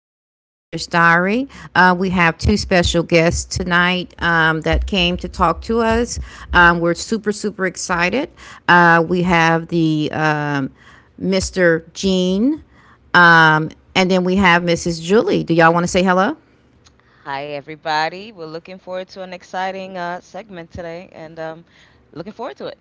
back to Parish Diary. We have two special guests tonight that came to talk to us. We're super, super excited. We have the Mr. Gene, and then we have Mrs. Julie. Do y'all want to say hello? Hi, everybody. We're looking forward to an exciting segment today, and looking forward to it.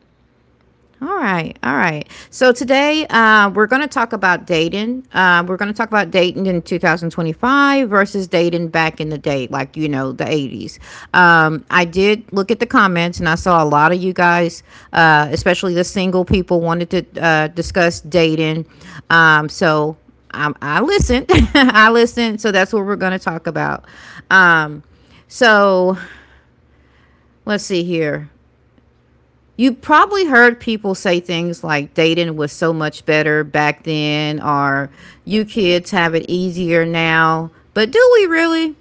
All right, all right. So today we're going to talk about dating. We're going to talk about dating in 2025 versus dating back in the day, like the 80s. I did look at the comments, and I saw a lot of you guys, especially the single people, wanted to discuss dating. Um, so I listened. I listened. So that's what we're going to talk about. Um, so let's see here. You probably heard people say things like dating was so much better back then, or you kids have it easier now. But do we really?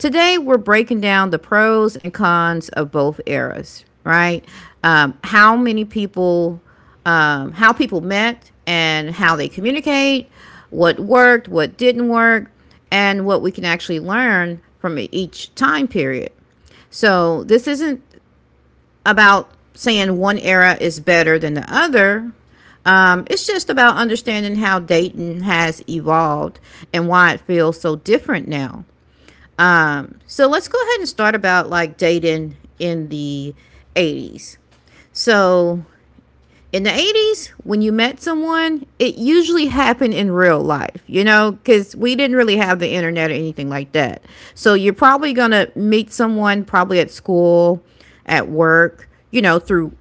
Today, we're breaking down the pros and cons of both eras, right? Um, how many people, how people met and how they communicate, what worked, what didn't work, and what we can actually learn from each time period. So this isn't about saying one era is better than the other. It's just about understanding how Dayton has evolved and why it feels so different now. So let's go ahead and start about like Dayton in the 80s. So in the 80s when you met someone, it usually happened in real life, because we didn't really have the internet or anything like that. So you're probably going to meet someone, probably at school, at work, through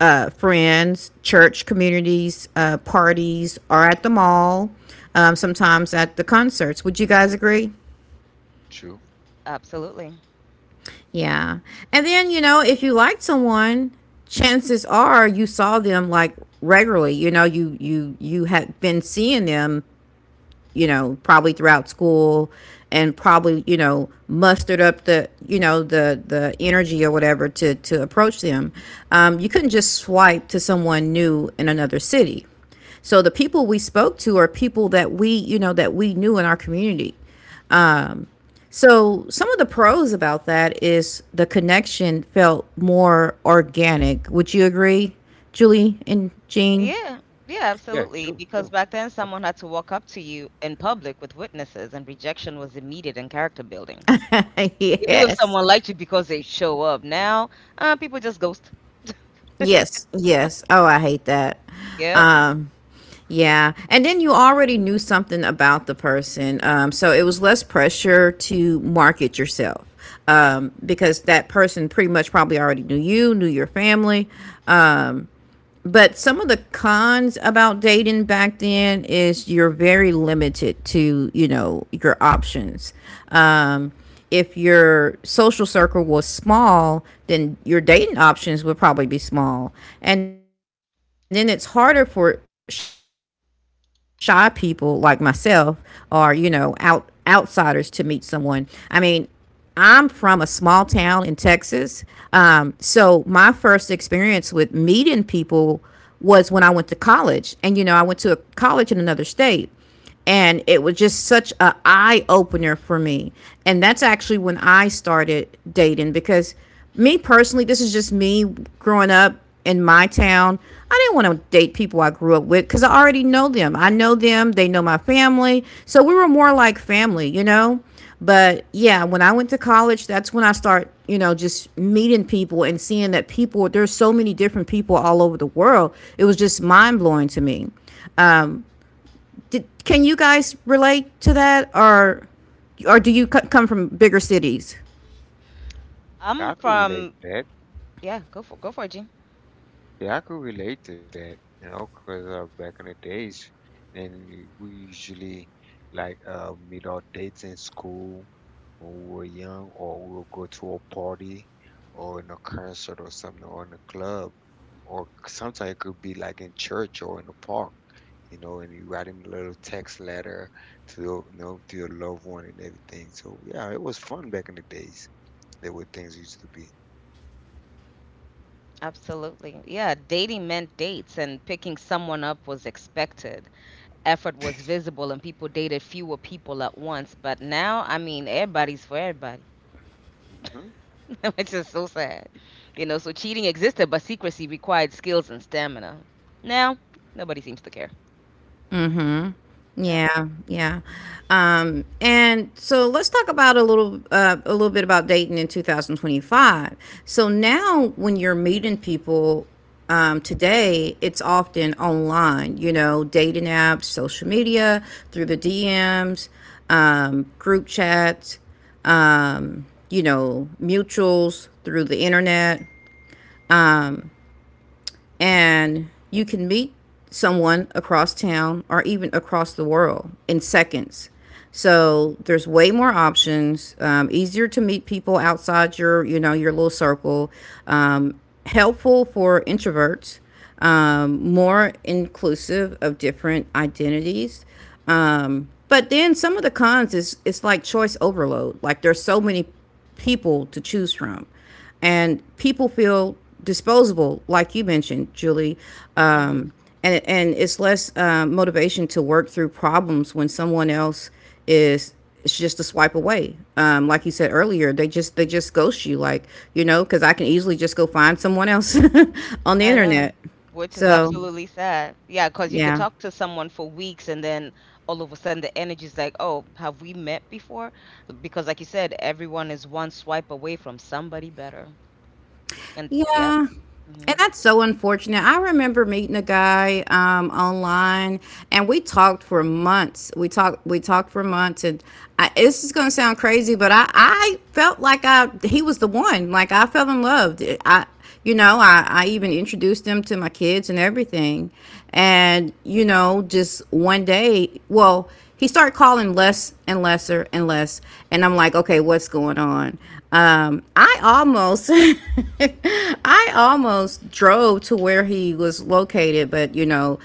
friends, church communities, parties, or at the mall, sometimes at the concerts. Would you guys agree? True. Absolutely. Yeah. And then, if you liked someone, chances are you saw them, like, regularly. You had been seeing them, probably throughout school, and probably, mustered up the, the energy or whatever to approach them. You couldn't just swipe to someone new in another city. So the people we spoke to are people that we, that we knew in our community. So some of the pros about that is the connection felt more organic. Would you agree, Julie and Jean? Yeah, yeah, Yeah, absolutely. true, Because true. back then, That's, someone had to walk up to you in public with witnesses, and rejection was immediate in character building. You knew if Yes. someone liked you because they show up. Now, people just ghost. Yes. Yes. Oh, I hate that. Yep. Um, yeah. And then you already knew something about the person. So it was less pressure to market yourself because that person pretty much probably already knew you, knew your family. But some of the cons about dating back then is you're very limited to, your options. Um, if your social circle was small, then your dating options would probably be small. And then it's harder for shy people like myself, or, outsiders to meet someone. I mean, I'm from a small town in Texas. So my first experience with meeting people was when I went to college. And, I went to a college in another state. And it was just such an eye opener for me. And that's actually when I started dating, because me personally, this is just me growing up in my town. I didn't want to date people I grew up with because I already know them. I know them, they know my family. So we were more like family, you know? But yeah, when I went to college, that's when I start, just meeting people and seeing that people there's so many different people all over the world. It was just mind blowing to me. Can you guys relate to that, or do you come from bigger cities? I'm I could relate from, to that. yeah, go for it, Gene. Yeah, I could relate to that, you know, 'cause back in the days, and we usually like meet our dates in school when we were young, or we would go to a party or in a concert or something, or in a club, or sometimes it could be like in church or in the park, you know, and you writing a little text letter to your loved one and everything. So yeah, it was fun back in the days. There were things used to be. Absolutely. Yeah, dating meant dates and picking someone up was expected. Effort was visible and people dated fewer people at once. But now, I mean, everybody's for everybody, Mhm, which is so sad. You know, so cheating existed, but secrecy required skills and stamina. Now, nobody seems to care. Yeah. Yeah, yeah. And so let's talk about a little bit about dating in 2025. So now when you're meeting people today, it's often online, dating apps, social media, through the DMs, group chats, mutuals, through the internet, and you can meet someone across town or even across the world in seconds. Uh-huh. So there's way more options. Easier to meet people outside your, your little circle. Um, Helpful for introverts. More inclusive of different identities. But then some of the cons is it's like choice overload. Like, there's so many people to choose from, and people feel disposable, like you mentioned, Julie. Um, Hmm. and it's less motivation to work through problems when someone else is — it's just a swipe away. Like you said earlier, they just ghost you, like, because I can easily just go find someone else on the I know. internet. Which is So mhm. absolutely sad. Yeah, because you could yeah, talk to someone for weeks, and then all of a sudden the energy's like, oh, have we met before? Because, like you said, everyone is one swipe away from somebody better. And yeah. Yeah. Hmm. And that's so unfortunate. I remember meeting a guy online, and we talked for months. We talked for months, and this is gonna sound crazy, but I felt like I he was the one. Like, I fell in love. I, I even introduced them to my kids and everything. And just one day, well, he started calling less and lesser and less, and I'm like, okay, what's going on? I almost I almost drove to where he was located, but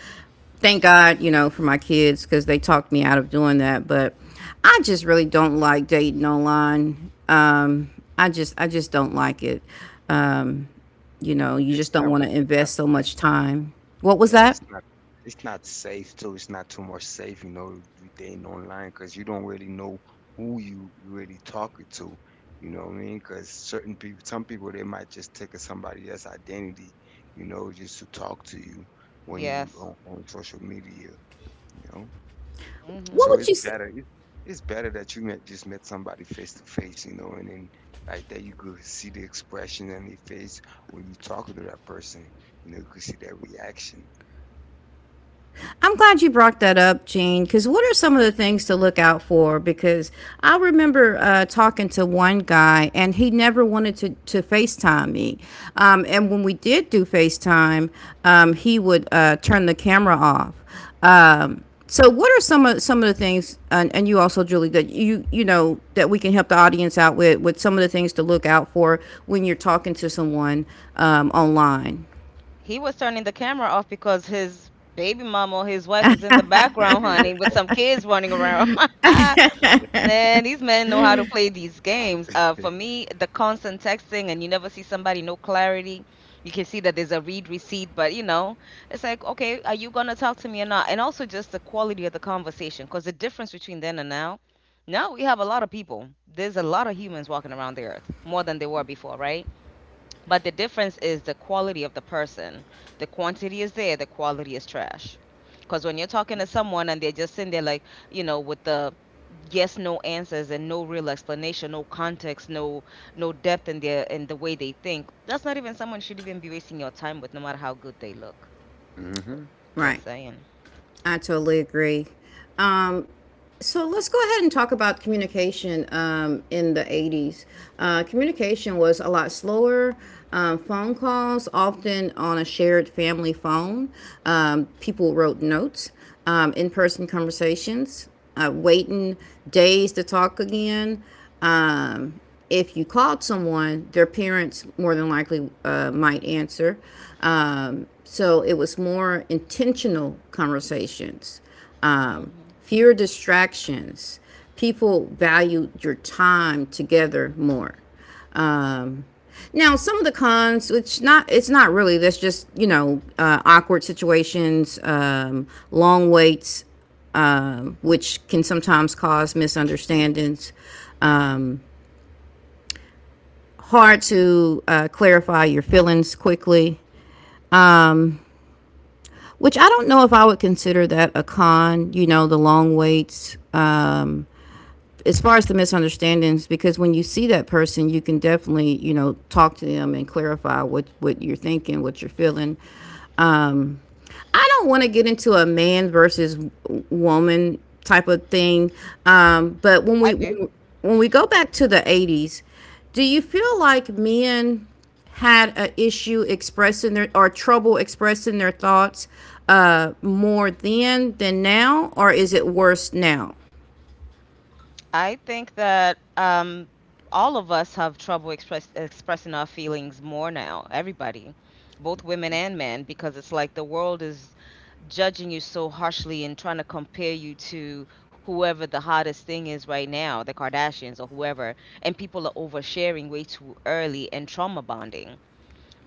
thank God, for my kids, because they talked me out of doing that. But I just really don't like dating online. I just don't like it. um, you It's just don't not, want to it's not invest so safe. much time. What was Yeah, that? it's not safe too. It's not too much safe, you know, with dating online because you don't really know who you really talking to. You know what I mean? Because certain people, some people, they might just take a somebody else's identity, you know, just to talk to you when you Yes. on social media, you know? What Hmm. So would it's you say? better. It's better that just met somebody face to face, you know, and then like that you could see the expression on their face when you talking to that person. You know, you could see their reaction. I'm glad you brought that up, Gene. Because what are some of the things to look out for? Because I remember talking to one guy, and he never wanted to FaceTime me. And when we did do FaceTime, he would turn the camera off. So what are some of the things, and you also, Julie, that you know that we can help the audience out with some of the things to look out for when you're talking to someone online? He was turning the camera off because his baby mama or his wife is in the background, honey, with some kids running around. Man, these men know how to play these games. For me, the constant texting and you never see somebody, no clarity. You can see that there's a read receipt, but it's like, okay, are you gonna talk to me or not? And also just the quality of the conversation, because the difference between then and now, now we have a lot of people. There's a lot of humans walking around the earth, more than there were before, right? But the difference is the quality of the person. The quantity is there, the quality is trash. Because when you're talking to someone and they're just sitting there, like, with the yes no answers, and no real explanation, no context, no depth in the way they think, that's not even someone should even be wasting your time with, no matter how good they look. Mm-hmm. Just Right, saying. I totally agree. Um, So let's go ahead and talk about communication in the 80s. Communication was a lot slower. Phone calls, often on a shared family phone. People wrote notes, in person conversations, waiting days to talk again. Um, if you called someone, their parents more than likely might answer. So it was more intentional conversations, um, Hmm. fewer distractions. People value your time together more. Um, Now, some of the cons, which not it's not really — that's just awkward situations, long waits, which can sometimes cause misunderstandings. Um, Hard to clarify your feelings quickly, which I don't know if I would consider that a con. You know, the long waits. As far as the misunderstandings, because when you see that person, you can definitely, talk to them and clarify what you're thinking, what you're feeling. Um, I don't want to get into a man versus woman type of thing. But i do when we go back to the 80s, do you feel like men had an issue expressing their, or trouble expressing their thoughts more then than now, or is it worse now? I think that all of us have trouble expressing our feelings more now, everybody, both women Mhm. and men, because it's like the world is judging you so harshly and trying to compare you to whoever the hottest thing is right now, the Kardashians or whoever. And people are oversharing way too early and trauma bonding.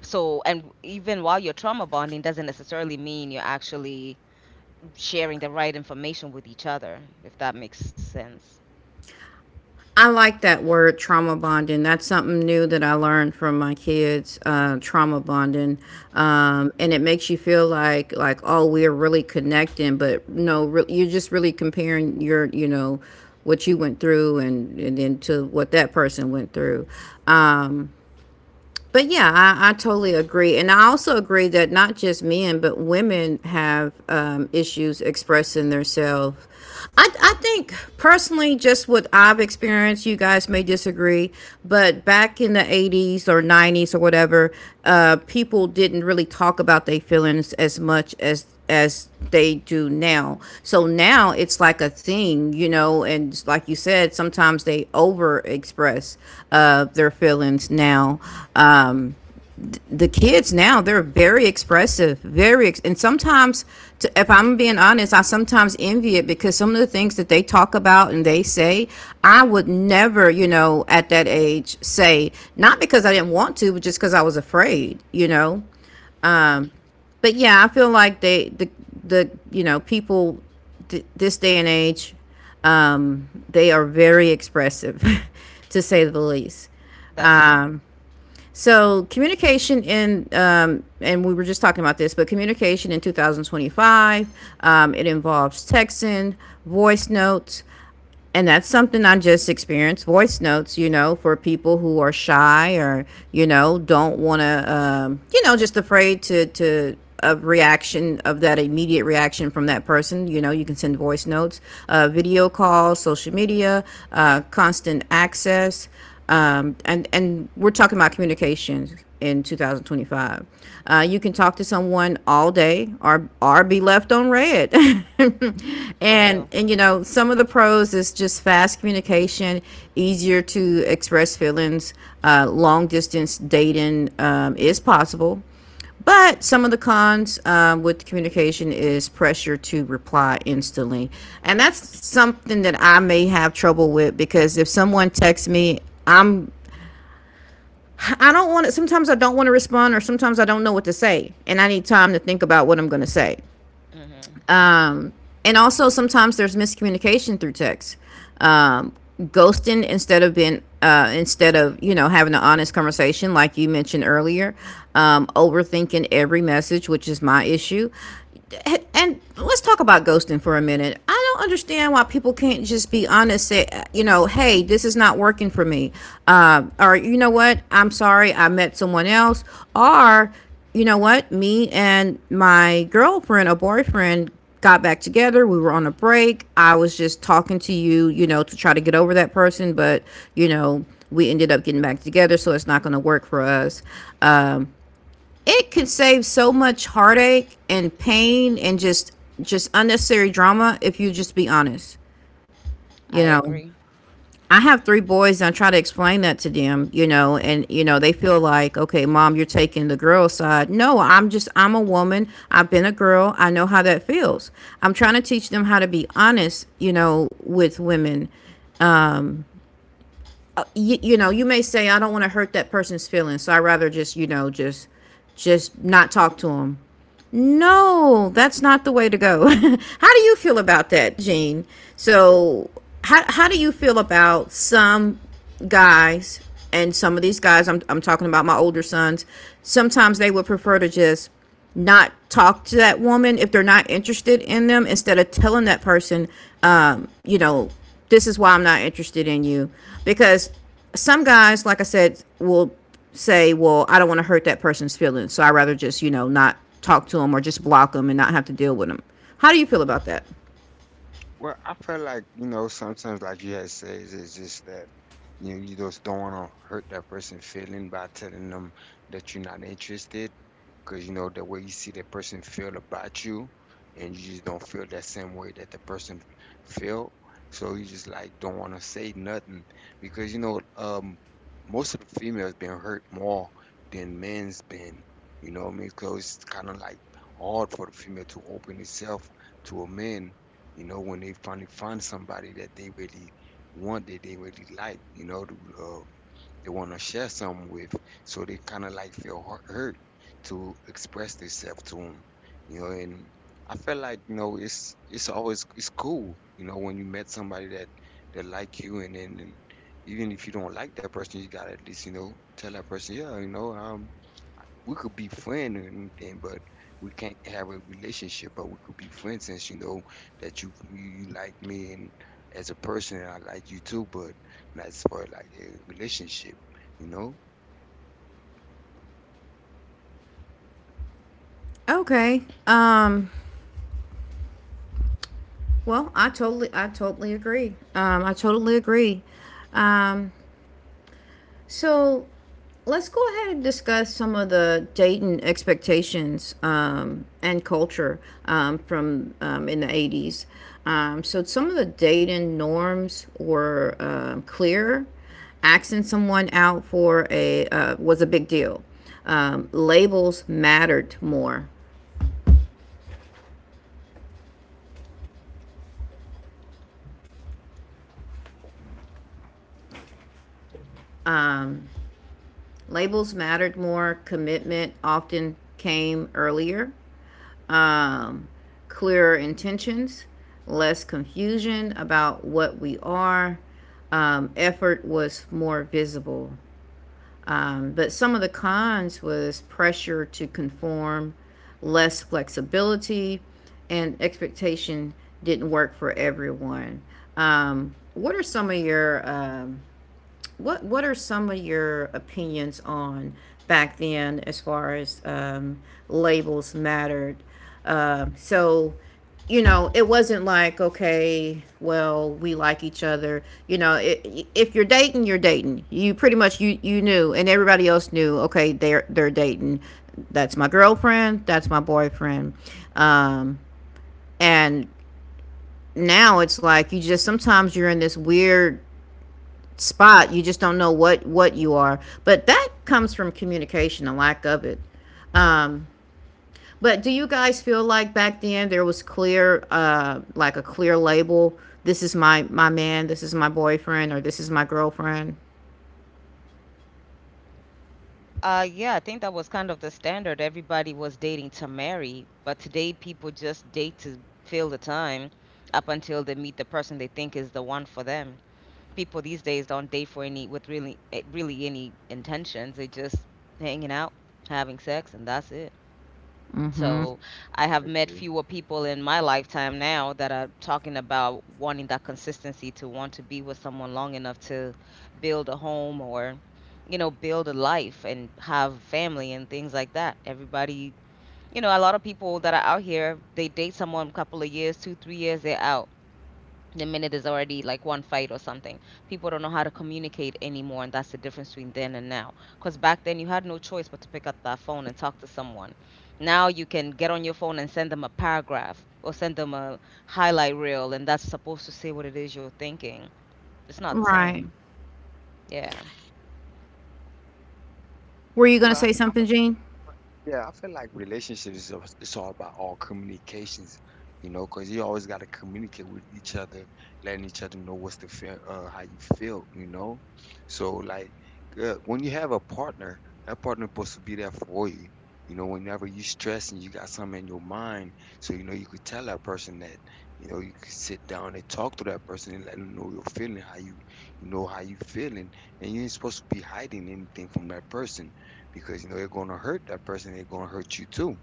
So, and even while you're trauma bonding, doesn't necessarily mean you're actually sharing the right information with each other, if that makes sense. I like that word trauma bonding. That's something new that I learned from my kids. Trauma bonding, and it makes you feel like, oh, we're really connecting, but no, you're just really comparing your, what you went through and then to what that person went through. Um, but yeah, I totally agree. And I also agree that not just men, but women have issues expressing themselves. I think personally, just what I've experienced, you guys may disagree, but back in the 80s or 90s or whatever, people didn't really talk about their feelings as much as they do now. So now it's like a thing, you know, and like you said, sometimes they over express their feelings now. Um, the kids now, they're very expressive, very, and sometimes, if I'm being honest, I sometimes envy it, because some of the things that they talk about and they say, I would never, at that age say, not because I didn't want to, but just because I was afraid, you know. Mhm. But yeah, I feel like the people this day and age, they are very expressive, to say the least. That's true, So communication in, and we were just talking about this, but communication in 2025, it involves texting, voice notes, and that's something I just experienced. Voice notes, for people who are shy or don't want to, just afraid to of reaction of that immediate reaction from that person. You can send voice notes, video calls, social media, constant access, and we're talking about communication in 2025. You can talk to someone all day or be left on red. for and real. and some of the pros is just fast communication, easier to express feelings. Long distance dating is possible. But some of the cons, with communication, is pressure to reply instantly. And that's something that I may have trouble with because if someone texts me, I'm I don't want to, sometimes I don't want to respond, or sometimes I don't know what to say and I need time to think about what I'm going to say. Hmm. Um, and also sometimes there's miscommunication through text. Ghosting instead of being, instead of having an honest conversation like you mentioned earlier, overthinking every message, which is my issue. And let's talk about ghosting for a minute. I don't understand why people can't just be honest, say, hey, this is not working for me, or you know what, I'm sorry, I met someone else, or you know what, me and my girlfriend or boyfriend got back together. We were on a break. I was just talking to you, to try to get over that person, but you know, we ended up getting back together, so it's not going to work for us. Um, it could save so much heartache and pain and just unnecessary drama if you just be honest, I you know. agree. I have three boys and I try to explain that to them, and they feel like, okay, mom, you're taking the girl side. No, I'm just, I'm a woman. I've been a girl. I know how that feels. I'm trying to teach them how to be honest, with women. You may say I don't want to hurt that person's feelings, so I rather just, you know, just not talk to them. No, that's not the way to go. How do you feel about that, Gene? So, how do you feel about some guys, and some of these guys, I'm talking about my older sons, sometimes they would prefer to just not talk to that woman if they're not interested in them instead of telling that person, um, you know, this is why I'm not interested in you. Because some guys, like I said, will say, well, I don't want to hurt that person's feelings, so I rather just not talk to them or just block them and not have to deal with them. How do you feel about that? Well, I feel like, you know, sometimes like you had says, it's just that you know you just don't want to hurt that person feeling by telling them that you're not interested. Because you know the way you see the person feel about you, and you just don't feel that same way that the person feel, so you just like don't want to say nothing, because you know most of the females been hurt more than men's been. You know what I mean? Because it's kind of like hard for the female to open itself to a man, you know, when they finally find somebody that they really want, that they really like, you know, they want to share some with. So they kind of like feel hurt to express themselves to them, you know. And I feel like you know it's always it's cool, you know, when you met somebody that like you, and then and even if you don't like that person, you gotta at least tell that person, yeah, you know, I we could be friends or anything, but we can't have a relationship. But we could be friends since you know that you like me and as a person, and I like you too. But that's for like a relationship, you know. Okay. Well, I totally agree. I totally agree. Um. So let's go ahead and discuss some of the dating expectations, and culture, from in the 80s. So some of the dating norms were clear. Asking someone out for a, was a big deal. Labels mattered more. Labels mattered more. Commitment often came earlier, um, clearer intentions, less confusion about what we are. Effort was more visible. But some of the cons was pressure to conform, less flexibility, and expectation didn't work for everyone. Um, what are some of your um, What are some of your opinions on back then as far as, labels mattered? So, it wasn't like okay, well, we like each other. You know, I if you're dating, you're dating. You pretty much, you knew, and everybody else knew. Okay, they're dating. That's my girlfriend. That's my boyfriend. Um, and now it's like you just, sometimes you're in this weird spot. You just don't know what you are. But that comes from communication, a lack of it. Um, but do you guys feel like back then there was clear, like a clear label? This is my man. This is my boyfriend, or this is my girlfriend. Yeah, I think that was kind of the standard. Everybody was dating to marry, but today people just date to fill the time up until they meet the person they think is the one for them. People these days don't date for any with really really any intentions. They just hanging out, having sex, and that's it. Mm-hmm. So I I have met agree. fewer people in my lifetime now that are talking about wanting that consistency, to want to be with someone long enough to build a home, or, build a life and have family and things like that. Everybody, a lot of people that are out here, they date someone a couple of years, two, 3 years, they're out the minute there's already like one fight or something. People don't know how to communicate anymore, and that's the difference between then and now. Because back then you had no choice but to pick up that phone and talk to someone. Now you can get on your phone and send them a paragraph, or send them a highlight reel, and that's supposed to say what it is you're thinking. It's not the same. Right. Yeah. Were you gonna Well, say something, Gene? yeah, I feel like relationships is it's all about all communications, you know, because you always got to communicate with each other, letting each other know what's the feel, how you feel, you know. So like when you have a partner, that partner supposed to be there for you. You know, whenever you stress and you got something in your mind, so you know you could tell that person that, you could sit down and talk to that person and let them know your feeling, how you feeling, and you ain't supposed to be hiding anything from that person because you know they're gonna hurt that person. They're gonna hurt you too.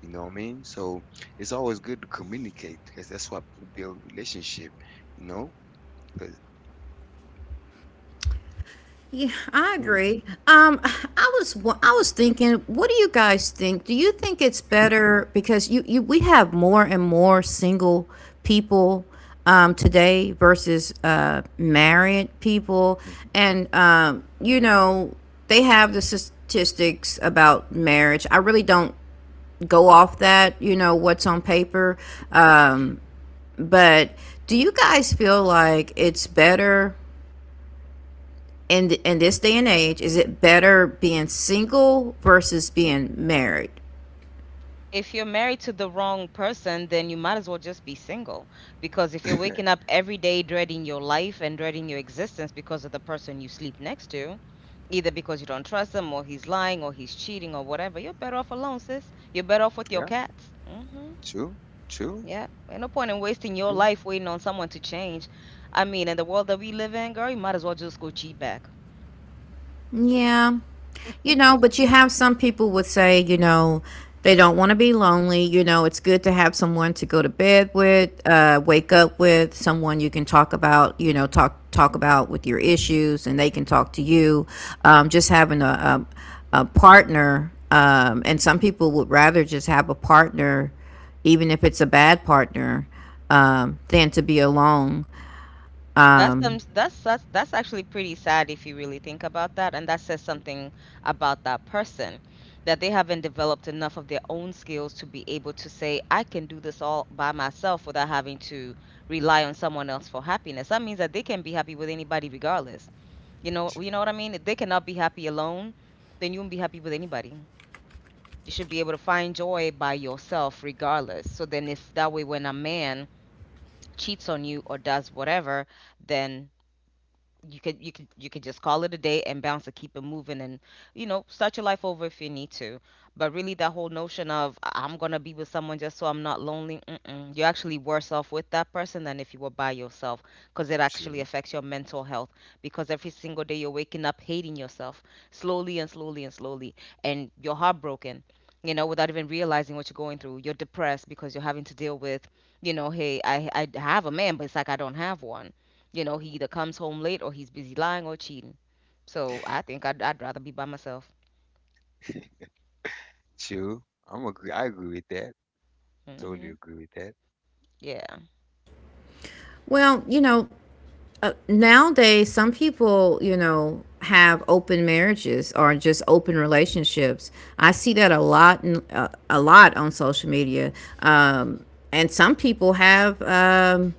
You know what I mean? So it's always good to communicate because that's what build relationship. You know? 'Cause— Yeah, I Mm, agree. I was thinking, what do you guys think? Do you think it's better because you we have more and more single people, today versus married people, mhm. and they have the statistics about marriage. I really don't go off that, what's on paper. Um, but do you guys feel like it's better in this day and age, is it better being single versus being married? If you're married to the wrong person, then you might as well just be single. Because if you're waking up every day dreading your life and dreading your existence because of the person you sleep next to, either because you don't trust him or he's lying or he's cheating or whatever, you're better off alone, sis. You're better off with your Yeah, cats. Hmm. true, true, Yeah. Ain't no point in wasting your true, life waiting on someone to change. I mean, in the world that we live in, girl, you might as well just go cheat back. Yeah. But you have some people would say, they don't want to be lonely. It's good to have someone to go to bed with, wake up with, someone you can talk about, talk about with your issues and they can talk to you. Just having a partner. And some people would rather just have a partner, even if it's a bad partner, than to be alone. That's um, Um, that's that's that's actually pretty sad if you really think about that, and that says something about that person, that they haven't developed enough of their own skills to be able to say, I can do this all by myself without having to rely on someone else for happiness. That means that they can be happy with anybody regardless. You true, know what I mean? If they cannot be happy alone, then you won't be happy with anybody. You should be able to find joy by yourself regardless. So then, if that way when a man cheats on you or does whatever, then you could just call it a day and bounce and keep it moving, and start your life over if you need to. But really, that whole notion of, "I'm gonna be with someone just so I'm not lonely," mm-mm. You're actually worse off with that person than if you were by yourself, because it actually true, affects your mental health, because every single day you're waking up hating yourself, slowly and slowly and slowly, and you're heartbroken, without even realizing what you're going through. You're depressed because you're having to deal with, hey, I have a man, but it's like I don't have one. You know, he either comes home late or he's busy lying or cheating. So I think I'd rather be by myself. true. I'm agree. I agree with that. Totally Hmm. agree with that. Yeah. well, nowadays some people have open marriages or just open relationships. I see that a lot on social media, um, and some people have,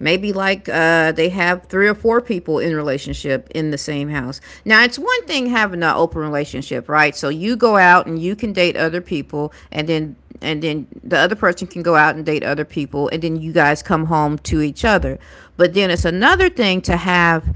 maybe like, they have three or four people in a relationship in the same house. Now it's one thing having an open relationship, right? So you go out and you can date other people, and then the other person can go out and date other people, and then you guys come home to each other. But then it's another thing to have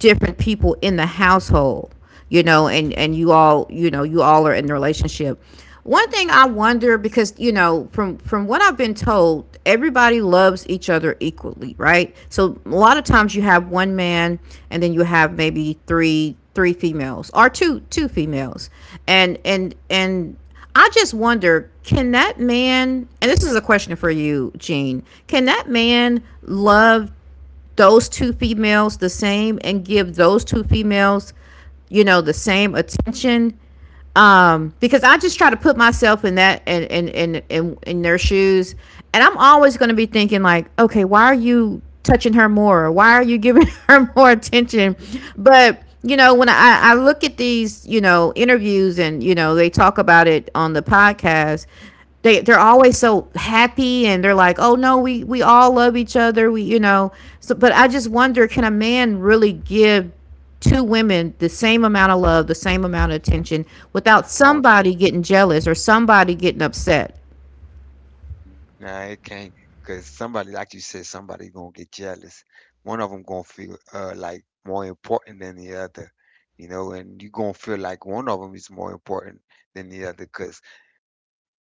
different people in the household, and you all, are in the relationship. One thing I wonder, because from what I've been told, everybody loves each other equally, right? So a lot of times you have one man, and then you have maybe three females or two females. And I just wonder, can that man, and this is a question for you, Gene, can that man love those two females the same and give those two females, the same attention, because I just try to put myself in that, and in their shoes, and I'm always going to be thinking like, okay, why are you touching her more? Or why are you giving her more attention? But when I look at these, interviews, and they talk about it on the podcast, they're always so happy, and they're like, oh no, we all love each other, we you know. So, but I just wonder, can a man really give two women the same amount of love, the same amount of attention, without I don't somebody getting jealous or somebody getting upset. Nah, it can't, 'cause somebody, like you said, somebody gonna get jealous. One of them gonna feel like more important than the other, you know, and you gonna feel like one of them is more important than the other, 'cause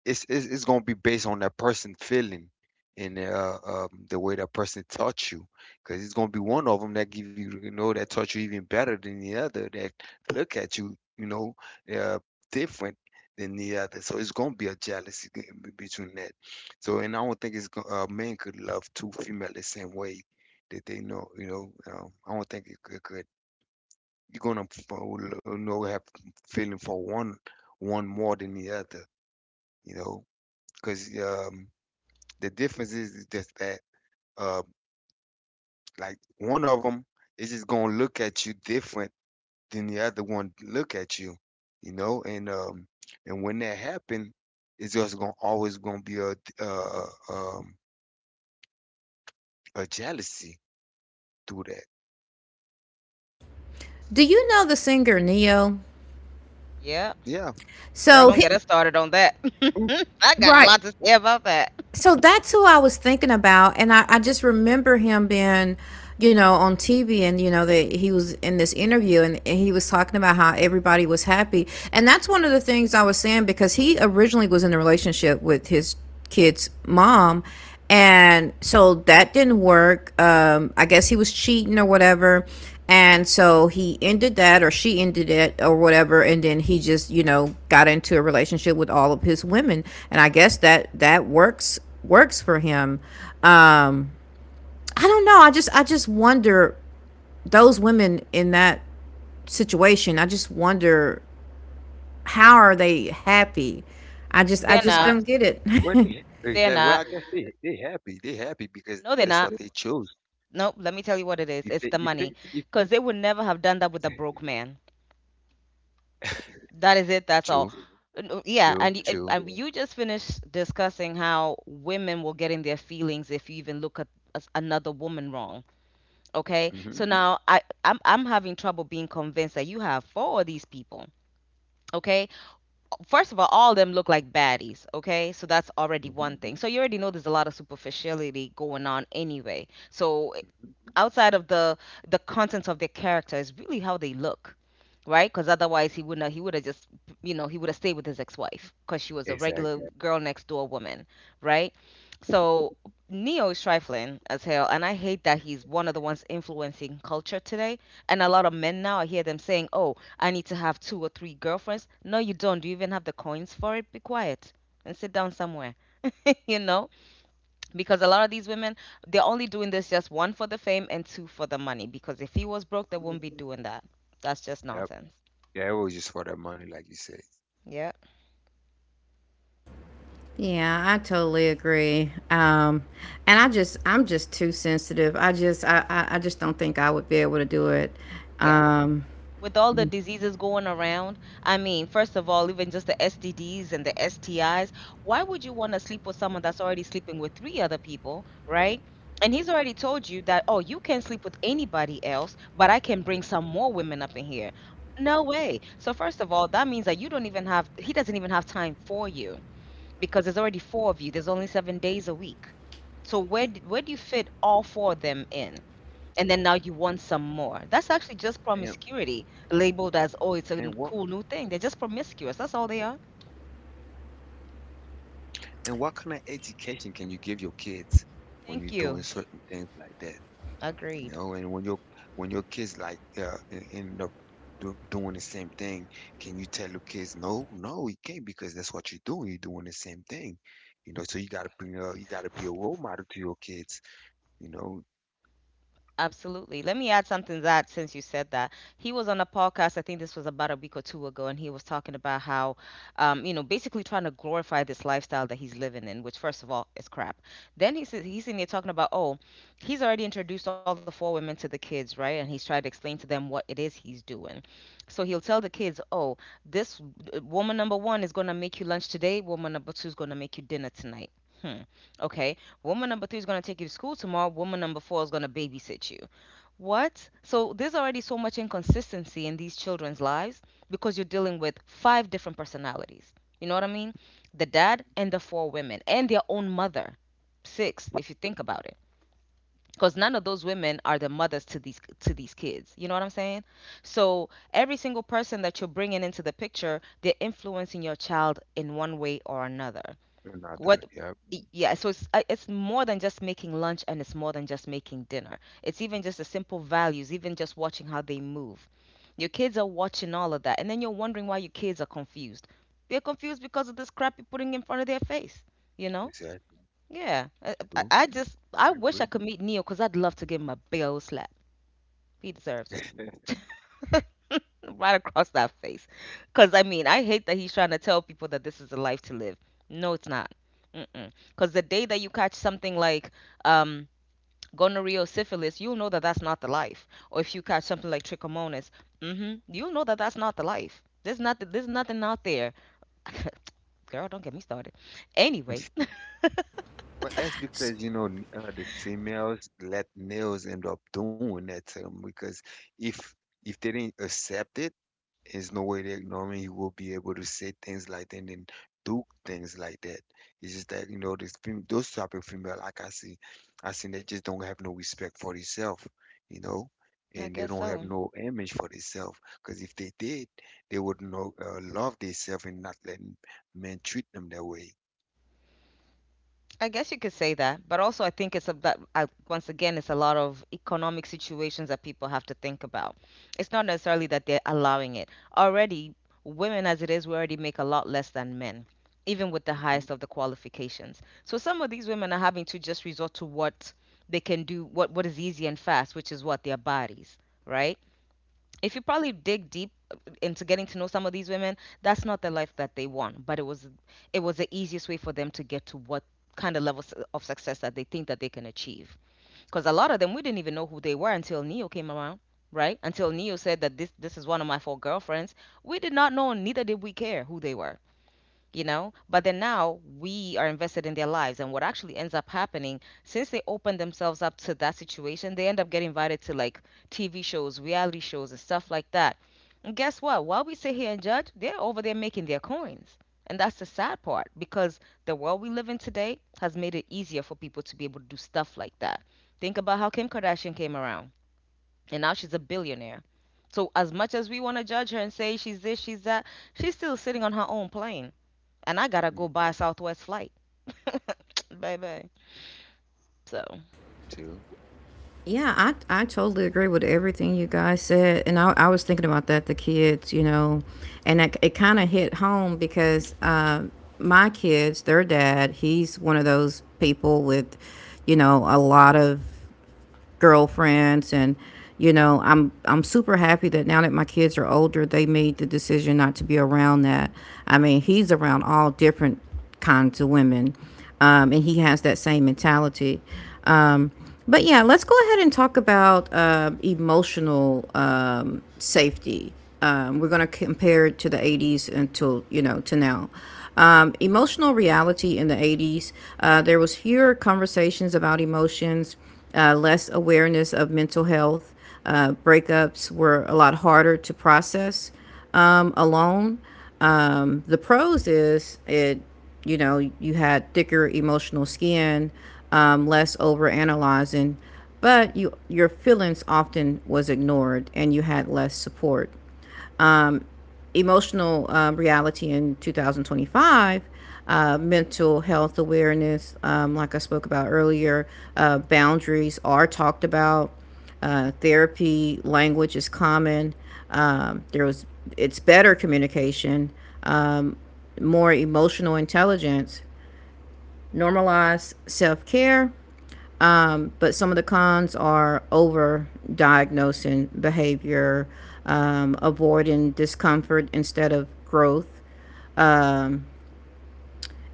it's gonna be based on that person feeling, and the way that person taught you, because it's gonna be one of them that give you, you know, that taught you even better than the other, that look at you, you know, uh, different than the other. So it's gonna be a jealousy between that. So, and I don't think men could love two female the same way that they know, you know, I don't think it could. You're gonna have feeling for one more than the other, you know, because the difference is just that, uh, like one of them is just gonna look at you different than the other one look at you, you know. And when that happen, it's just gonna always gonna be um, a jealousy through that. Do you know the singer Neo? Yeah. Yeah. Girl, So, don't get he, us started on that. I got a right. lot to say about that. So that's who I was thinking about, and I just remember him being, on TV, and you know that he was in this interview, and, he was talking about how everybody was happy, and that's one of the things I was saying because he originally was in a relationship with his kid's mom, and so that didn't work. I guess he was cheating or whatever, and so he ended that, or she ended it, or whatever. And then he just, got into a relationship with all of his women. And I guess that that works for him. Um, I don't know. I just wonder those women in that situation. I just wonder how are they happy. I just I They're just not. don't get it. Well, They're not. well, I guess they happy. They happy because No, they're that's what not. they chose. Nope. Let me tell you what If it they is. if It's they the if money. Because they would never have done that with a broke man. That is it. That's True, all. Yeah. true, And, y- and true. and you just finished discussing how women will get in their feelings if you even look at as another woman wrong. Okay, Mm-hmm, so, mhm, now I'm having trouble being convinced that you have four of these people. Okay, first of all of them look like baddies. Okay, so that's already mm-hmm, one thing. So you already know there's a lot of superficiality going on anyway. So mm-hmm. outside of the contents of their character is really how they look. Right, because otherwise he would not he would have just, he would have stayed with his ex-wife because she was a regular Exactly. girl next door woman. Right. So Neo is trifling as hell, and I hate that he's one of the ones influencing culture today. And a lot of men now I hear them saying, oh, I need to have two or three girlfriends. No you don't. Do you even have the coins for it? Be quiet and sit down somewhere. You know, because a lot of these women, they're only doing this just one for the fame and two for the money, because if he was broke, they Come on. wouldn't be doing that. That's just nonsense. Yeah, it was just for the money, like you said. Yeah. Yeah, I totally agree. And I just, I'm just too sensitive. I just don't think I would be able to do it. Yeah, Um, with all the diseases going around, I mean, first of all, even just the STDs and the STIs, why would you want to sleep with someone that's already sleeping with three other people? Right? And he's already told you that, oh, you can sleep with anybody else, but I can bring some more women up in here. No way. So, first of all, that means that you don't even have he doesn't even have time for you. Because there's already four of you. There's only 7 days a week. So where do you fit all four of them in? And then now you want some more. That's actually just And promiscuity, labeled as, oh, it's and a what cool new thing. They're just promiscuous. That's all they are. and what kind of education can you give your kids when you're Thank doing you. certain things like that? You Agreed. know, and when your kids like end up doing the same thing, can you tell your kids, no, no, you can't because that's what you're doing. You're doing the same thing. You know, so you gotta bring up, you gotta be a role model to your kids. You know. Absolutely. Let me add something to that since you said that. He was on a podcast, I think this was about a week or two ago, and he was talking about how, basically trying to glorify this lifestyle that he's living in, which, first of all, is crap. Then he says, he's in there talking about, oh, he's already introduced all the four women to the kids, right? And he's tried to explain to them what it is he's doing. So he'll tell the kids, oh, this, woman number one is going to make you lunch today, woman number two is going to make you dinner tonight. Hmm. Okay. Woman number three is going to take you to school tomorrow. Woman number four is going to babysit you. What? So there's already so much inconsistency in these children's lives because you're dealing with five different personalities. You know what I mean? The dad and the four women and their own mother. Six, if you think about it. Because none of those women are the mothers to these kids. You know what I'm saying? So every single person that you're bringing into the picture, they're influencing your child in one way or another. Another. What? Yep. Yeah, so it's more than just making lunch and it's more than just making dinner. It's even just the simple values, even just watching how they move. Your kids are watching all of that, and then you're wondering why your kids are confused. They're confused because of this crap you're putting in front of their face, you know? Is that Yeah. I, I true? I just I I wish agree. I could meet Neil because I'd love to give him a bill slap. He deserves it. Right across that face. Because, I mean, I hate that he's trying to tell people that this is a life to live. No, it's not. Because the day that you catch something like um, gonorrhea or syphilis, you'll know that that's not the life. Or if you catch something like trichomonas, you'll know that that's not the life. There's nothing out there. Girl, don't get me started. Anyway, Well, that's s- because you know the females let males end up doing that to them because if if they didn't accept it, there's no way that normally you will be able to say things like that and then do things like that. It's just that you know this those type of female, like I see they just don't have no respect for themselves, you know, I and they guess don't have so. no image for themselves, because if they did, they would know love themselves and not let men treat them that way. I guess you could say that, but also I think it's a, that I, once again it's a lot of economic situations that people have to think about. It's not necessarily that they're allowing it. Already, women as it is, we already make a lot less than men, even with the Hmm. highest of the qualifications. So some of these women are having to just resort to what they can do, what is easy and fast, which is what their bodies, right? If you probably dig deep into getting to know some of these women, that's not the life that they want. But it was the easiest way for them to get to what kind of levels of success that they think that they can achieve. Because a lot of them, we didn't even know who they were until Neo came around, right? Until Neo said that this is one of my four girlfriends, we did not know, and neither did we care who they were, you know. But then now we are invested in their lives, and what actually ends up happening, since they open themselves up to that situation, they end up getting invited to like TV shows, reality shows, and stuff like that. And guess what, while we sit here and judge, they're over there making their coins. And that's the sad part, because the world we live in today has made it easier for people to be able to do stuff like that. Think about how Kim Kardashian came around, and now she's a billionaire. So as much as we want to judge her and say she's this, she's that, she's still sitting on her own plane, and I gotta Me go buy a Southwest flight, baby. So too. yeah, I totally agree with everything you guys said. And I was thinking about that, the kids, and it kind of hit home because, my kids, their dad, he's one of those people with, you know, a lot of girlfriends. And I'm super happy that now that my kids are older, they made the decision not to be around that. I mean, he's around all different kinds of women, and he has that same mentality. um, but yeah, let's go ahead and talk about emotional safety. We're going to compare it to the 80s until you know to now. Emotional reality in the 80s: there was fewer conversations about emotions, less awareness of mental health, breakups were a lot harder to process, alone. The pros is it you know you had thicker emotional skin, less over analyzing, but you, your feelings often was ignored and you had less support. Emotional reality in 2025: mental health awareness, like I spoke about earlier, boundaries are talked about, therapy language is common. There was It's better communication, um, more emotional intelligence, normalize self-care. But some of the cons are over diagnosing behavior, avoiding discomfort instead of growth, um,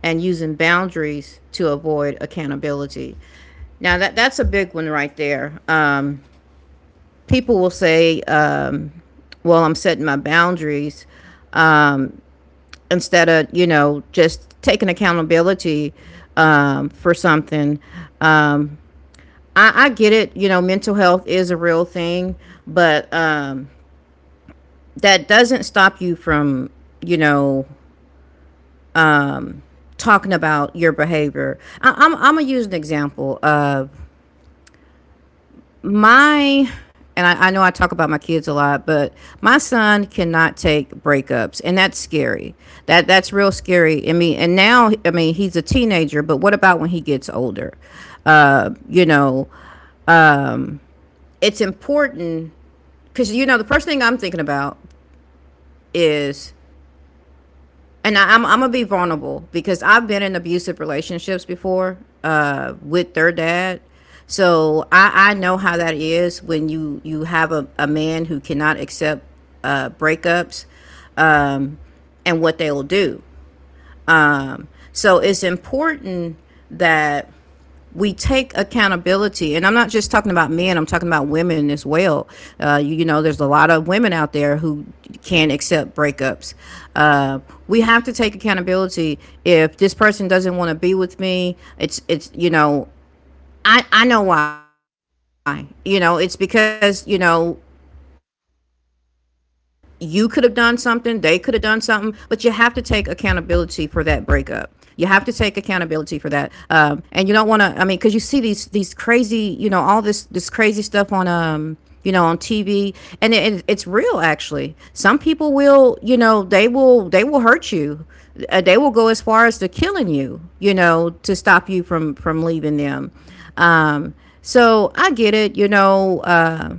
and using boundaries to avoid accountability. Now, that's a big one right there. People will say, well, I'm setting my boundaries, um, instead of, you know, just taking accountability for something. Um, I get it. You know, mental health is a real thing, but that doesn't stop you from, you know, talking about your behavior. I'm going to use an example of my, and I know I talk about my kids a lot, but my son cannot take breakups, and that's scary. That's real scary. I mean, and now, I mean, he's a teenager, but what about when he gets older? You know, it's important because, you know, the first thing I'm thinking about is and I'm gonna be vulnerable because I've been in abusive relationships before with their dad, so I know how that is when you have a man who cannot accept breakups, um, and what they will do. Um, so it's important that we take accountability, and I'm not just talking about men. I'm talking about women as well. You know, there's a lot of women out there who can't accept breakups. Uh, we have to take accountability. If this person doesn't want to be with me, it's you know, I know why. You know, it's because you know you could have done something, they could have done something, but you have to take accountability for that breakup. You have to take accountability for that, and you don't want to. I mean, because you see these crazy, you know, all this crazy stuff on, you know, on TV, and it's real actually. Some people will, you know, they will hurt you. They will go as far as to killing you, you know, to stop you from leaving them. Um, so I get it, you know.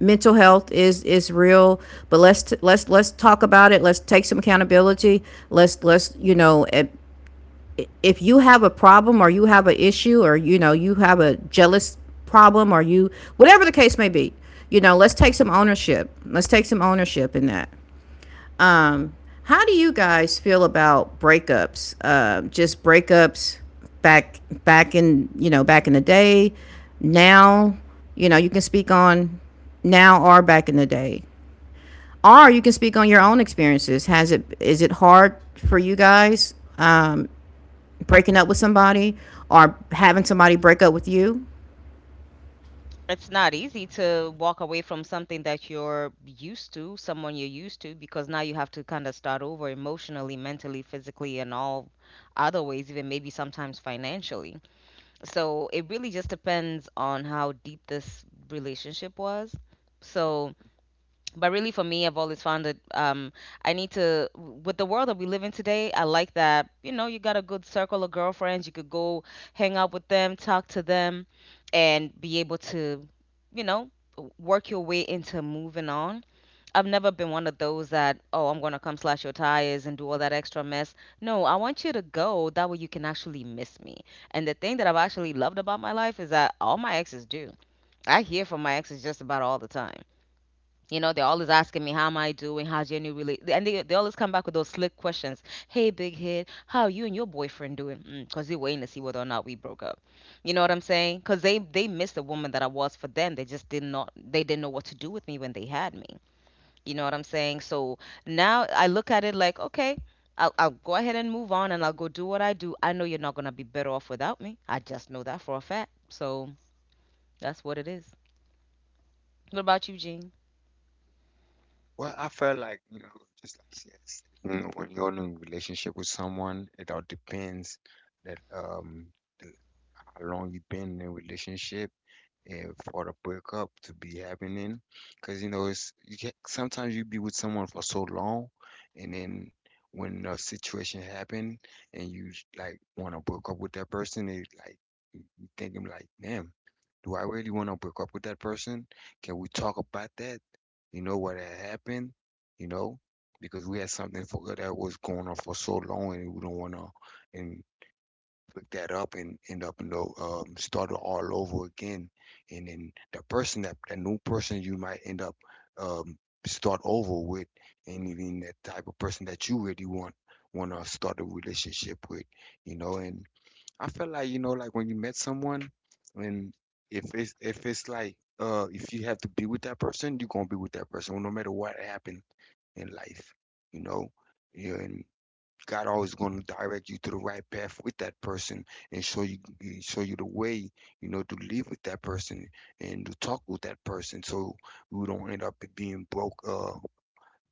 Mental health is real, but let's talk about it. Let's take some accountability. Let's you know, if you have a problem or you have an issue, or you know you have a jealous problem, or you whatever the case may be, you know, let's take some ownership. Let's take some ownership in that. How do you guys feel about breakups? Just breakups, back in, you know, back in the day, now, you know, you can speak on now or back in the day, or you can speak on your own experiences. Has it Is it hard for you guys, breaking up with somebody or having somebody break up with you? it's not easy to walk away from something that you're used to, someone you're used to, because now you have to kind of start over emotionally, mentally, physically, and all other ways, even maybe sometimes financially. So it really just depends on how deep this relationship was. So but really for me, I've always found that I need to with the world that we live in today, I like that, you know, you got a good circle of girlfriends, you could go hang out with them, talk to them, and be able to, you know, work your way into moving on. I've never been one of those that, oh, I'm going to come slash your tires and do all that extra mess. No, I want you to go that way you can actually miss me. And the thing that I've actually loved about my life is that all my exes do. I hear from my exes just about all the time. You know, they're always asking me, how am I doing? How's your new relationship? And they always come back with those slick questions. Hey, big head, how are you and your boyfriend doing? Because they're waiting to see whether or not we broke up. You know what I'm saying? Because they missed the woman that I was for them. They didn't know what to do with me when they had me. You know what I'm saying? So now I look at it like, okay, I'll go ahead and move on and I'll go do what I do. I know you're not going to be better off without me. I just know that for a fact. So that's what it is. What about you, Jean? Well, I felt like, you know, just like she had said, you know, when you're in a relationship with someone, it all depends that um the, how long you've been in a relationship and for the breakup to be happening. Because, you know, it's you can sometimes you be with someone for so long, and then when a situation happen and you like want to break up with that person, it like thinking like, damn, do I really want to break up with that person? Can we talk about that? You know what had happened? You know, because we had something for that was going on for so long, and we don't want to, and pick that up and end up and start all over again. And then the person, that new person you might end up, um, start over with, and even that type of person that you really want to start a relationship with, you know. And I feel like you know, like when you met someone, and if it's like if you have to be with that person, you're gonna be with that person no matter what happened in life, you know. Yeah. And God always gonna direct you to the right path with that person and show you the way, you know, to live with that person and to talk with that person, so we don't end up being broke. Uh,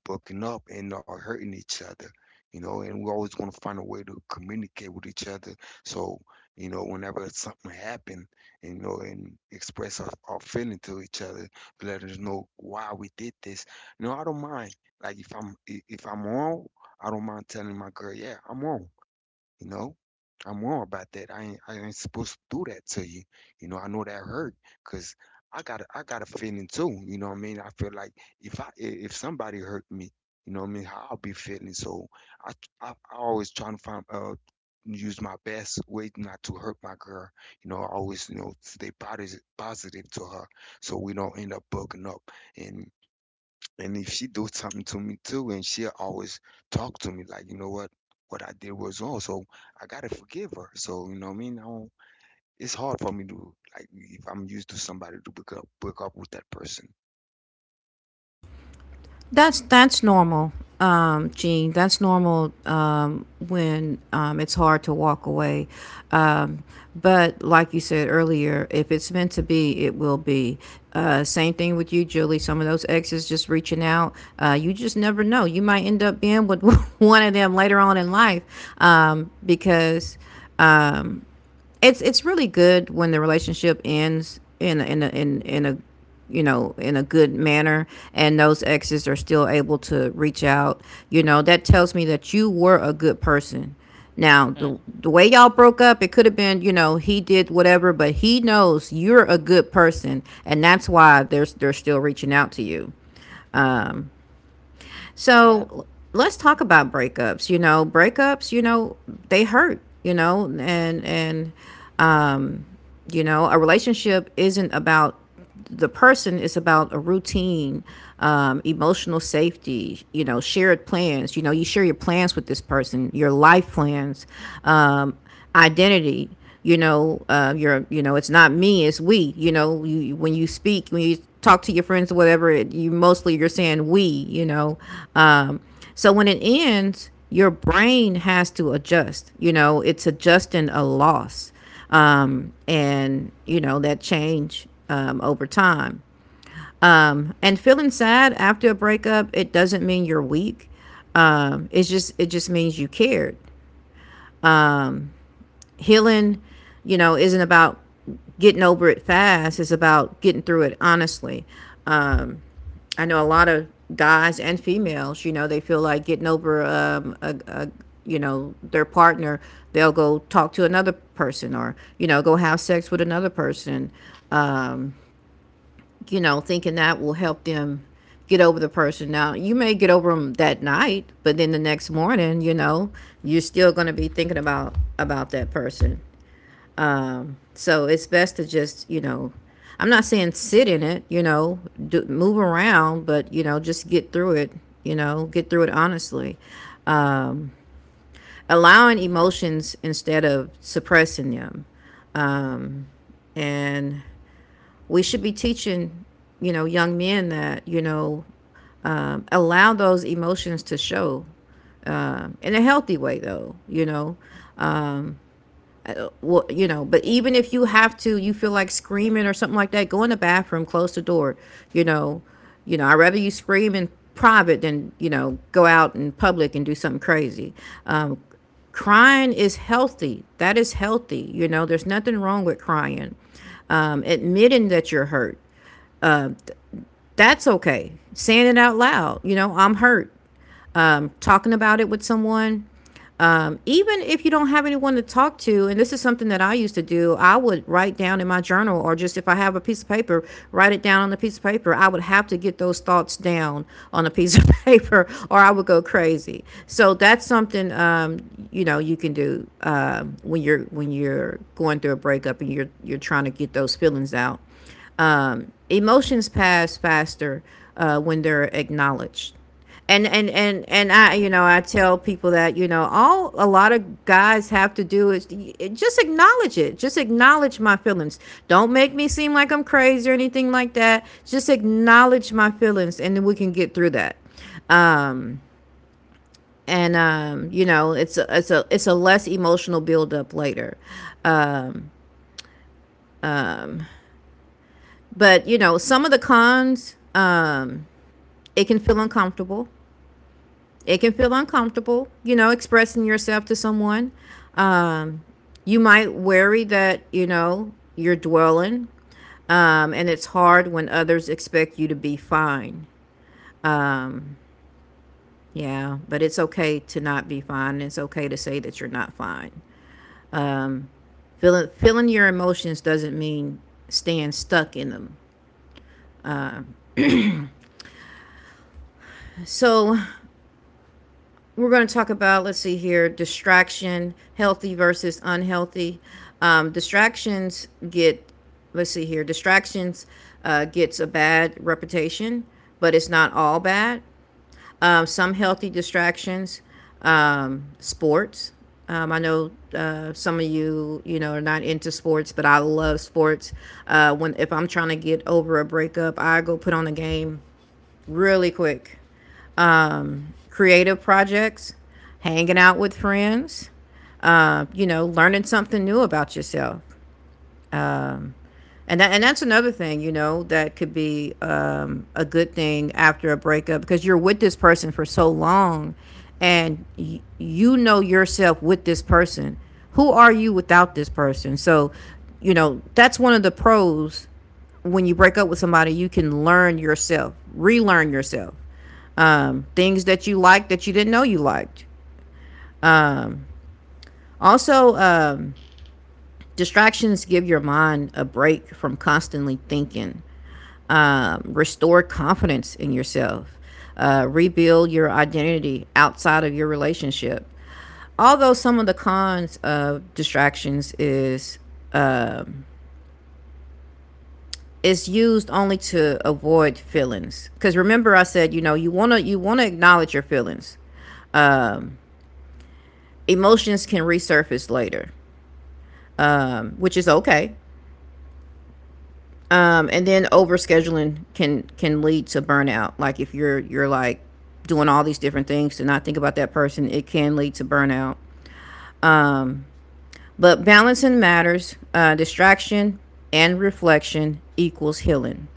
bucking up and not hurting each other. You know, and we always want to find a way to communicate with each other. So, you know, whenever something happen, and express our feeling to each other, to let us know why we did this. You know, I don't mind. Like if I'm wrong, I don't mind telling my girl, yeah, I'm wrong. You know, I'm wrong about that. I ain't supposed to do that to you. You know, I know that hurt because I got a feeling too. You know what I mean? I feel like if I I- if somebody hurt me, you know what I mean, how I'll be feeling. So I I always trying to find use my best way not to hurt my girl. You know, I always stay positive to her, so we don't end up bugging up. And and if she do something to me too, and she always talk to me like, you know what I did was wrong. So I gotta forgive her. So you know what I mean? I don't, it's hard for me to, like, if I'm used to somebody, to book up with that person. That's normal, Gene. That's normal, when it's hard to walk away. Um, but like you said earlier, if it's meant to be, it will be. Same thing with you, Julie. Some of those exes just reaching out. You just never know. You might end up being with one of them later on in life, because it's really good when the relationship ends in a, you know, in a good manner, and those exes are still able to reach out. You know, that tells me that you were a good person. Now, Hmm? The way y'all broke up, it could have been, you know, he did whatever, but he knows you're a good person, and that's why they're still reaching out to you. Yeah. So let's talk about breakups. You know, breakups, you know, they hurt, you know. And you know, a relationship isn't about the person, it's about a routine, emotional safety, you know, shared plans. You know, you share your plans with this person, your life plans, um, identity. You know, you know, it's not me, it's we. You know, you when you speak, when you talk to your friends or whatever, you mostly you're saying we. You know, um, so when it ends, your brain has to adjust. You know, it's adjusting a loss, and you know, that change over time. And feeling sad after a breakup, it doesn't mean you're weak. It just means you cared. Healing, you know, isn't about getting over it fast. It's about getting through it honestly. I know a lot of guys and females, you know, they feel like getting over a you know, their partner, they'll go talk to another person, or you know, go have sex with another person, you know, thinking that will help them get over the person. Now, you may get over them that night, but then the next morning, you know, you're still going to be thinking about that person. So it's best to just, you know, I'm not saying sit in it, you know, do, move around, but you know, just get through it. You know, get through it honestly. Um, Allowing emotions instead of suppressing them, and we should be teaching, you know, young men that, you know, allow those emotions to show, in a healthy way though, you know. But even if you have to, you feel like screaming or something like that, go in the bathroom, close the door, you know. You know, I'd rather you scream in private than, you know, go out in public and do something crazy. um, Crying is healthy. That is healthy. You know, there's nothing wrong with crying. Admitting that you're hurt, that's okay. Saying it out loud, you know, I'm hurt. I'm talking about it with someone. Even if you don't have anyone to talk to, and this is something that I used to do, I would write down in my journal, or just if I have a piece of paper, write it down on a piece of paper. I would have to get those thoughts down on a piece of paper, or I would go crazy. So that's something, you know, you can do when you're going through a breakup and you're trying to get those feelings out. Emotions pass faster when they're acknowledged. And I, you know, I tell people that, you know, all a lot of guys have to do is just acknowledge it. Just acknowledge my feelings. Don't make me seem like I'm crazy or anything like that. Just acknowledge my feelings, and then we can get through that. Um and You know, it's a less emotional buildup later. But you know, some of the cons, it can feel uncomfortable. It can feel uncomfortable, you know, expressing yourself to someone. Um, you might worry that, you know, you're dwelling, and it's hard when others expect you to be fine. Yeah, but it's okay to not be fine. It's okay to say that you're not fine. Feeling your emotions doesn't mean staying stuck in them. So, we're going to talk about, let's see here, distraction healthy versus unhealthy. Distractions get let's see here, distractions gets a bad reputation, but it's not all bad. Some healthy distractions: sports. I know some of you, you know, are not into sports, but I love sports. When If I'm trying to get over a breakup, I go put on a game really quick. Creative projects, hanging out with friends, you know, learning something new about yourself. And, and that's another thing, you know, that could be, a good thing after a breakup, because you're with this person for so long, and you know yourself with this person. Who are you without this person? So, you know, that's one of the pros. When you break up with somebody, you can learn yourself, relearn yourself. Things that you like that you didn't know you liked. Also, distractions give your mind a break from constantly thinking. Restore confidence in yourself. Rebuild your identity outside of your relationship. Although some of the cons of distractions is, um, it's used only to avoid feelings. Because remember, I said, you know, you wanna acknowledge your feelings. Um, Emotions can resurface later, which is okay. And then overscheduling can lead to burnout. Like if you're like doing all these different things to not think about that person, it can lead to burnout. But balancing matters. Distraction and reflection equals healing.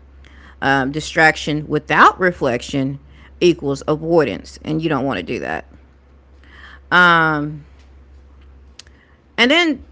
Distraction without reflection equals avoidance, and you don't want to do that. And then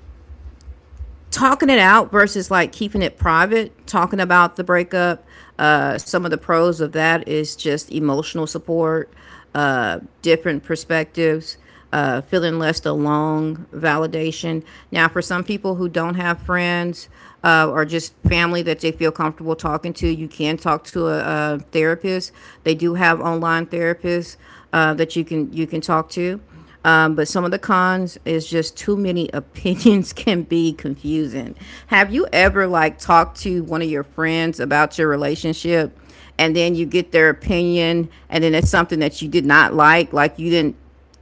talking it out versus like keeping it private, talking about the breakup. Some of the pros of that is just emotional support, different perspectives, feeling less alone, validation. Now, for some people who don't have friends, or just family that they feel comfortable talking to, you can talk to a therapist. They do have online therapists that you can talk to. But some of the cons is just too many opinions can be confusing. Have you ever like talked to one of your friends about your relationship, and then you get their opinion, and then it's something that you did not like, like you didn't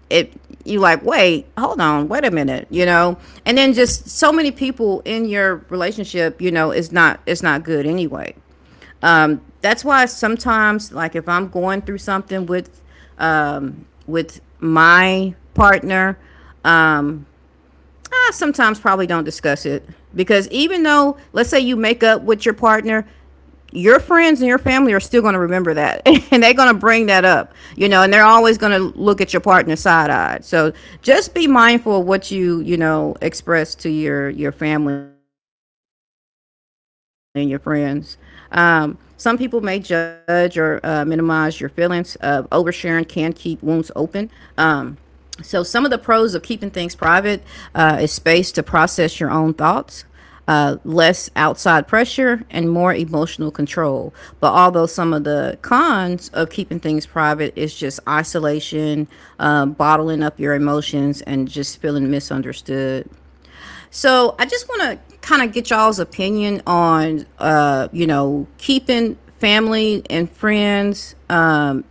it you like, wait, hold on, wait a minute, you know? And then just so many people in your relationship, you know, it's not good anyway. That's why sometimes, like if I'm going through something with, with my partner, um, I sometimes probably don't discuss it, because even though let's say you make up with your partner, your friends and your family are still going to remember that and they're going to bring that up, you know, and they're always going to look at your partner side-eyed. So just be mindful of what you know express to your family and your friends. Some people may judge or minimize your feelings. Oversharing can keep wounds open. So, some of the pros of keeping things private is space to process your own thoughts, less outside pressure, and more emotional control. But although some of the cons of keeping things private is just isolation, bottling up your emotions, and just feeling misunderstood. So, I just want to kind of get y'all's opinion on, keeping family and friends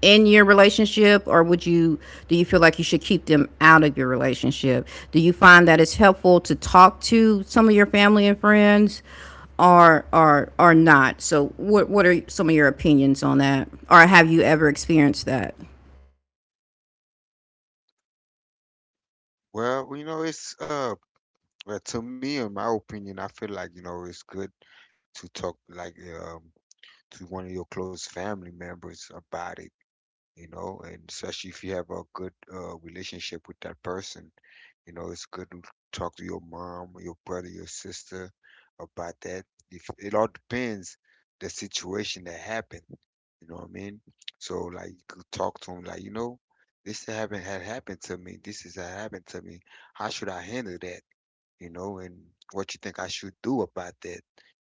in your relationship. Or would you, do you feel like you should keep them out of your relationship? Do you find that it's helpful to talk to some of your family and friends, or or not? So what are some of your opinions on that, or have you ever experienced that? Well, you know, it's well, to me, in my opinion, I feel like, you know, it's good to talk, like, um to one of your close family members about it, you know, and especially if you have a good relationship with that person. You know, it's good to talk to your mom, your brother, your sister about that. If it all depends the situation that happened, you know what I mean? So like you could talk to them like, you know, this happened had happened to me. This is had happened to me. How should I handle that? You know, and what you think I should do about that?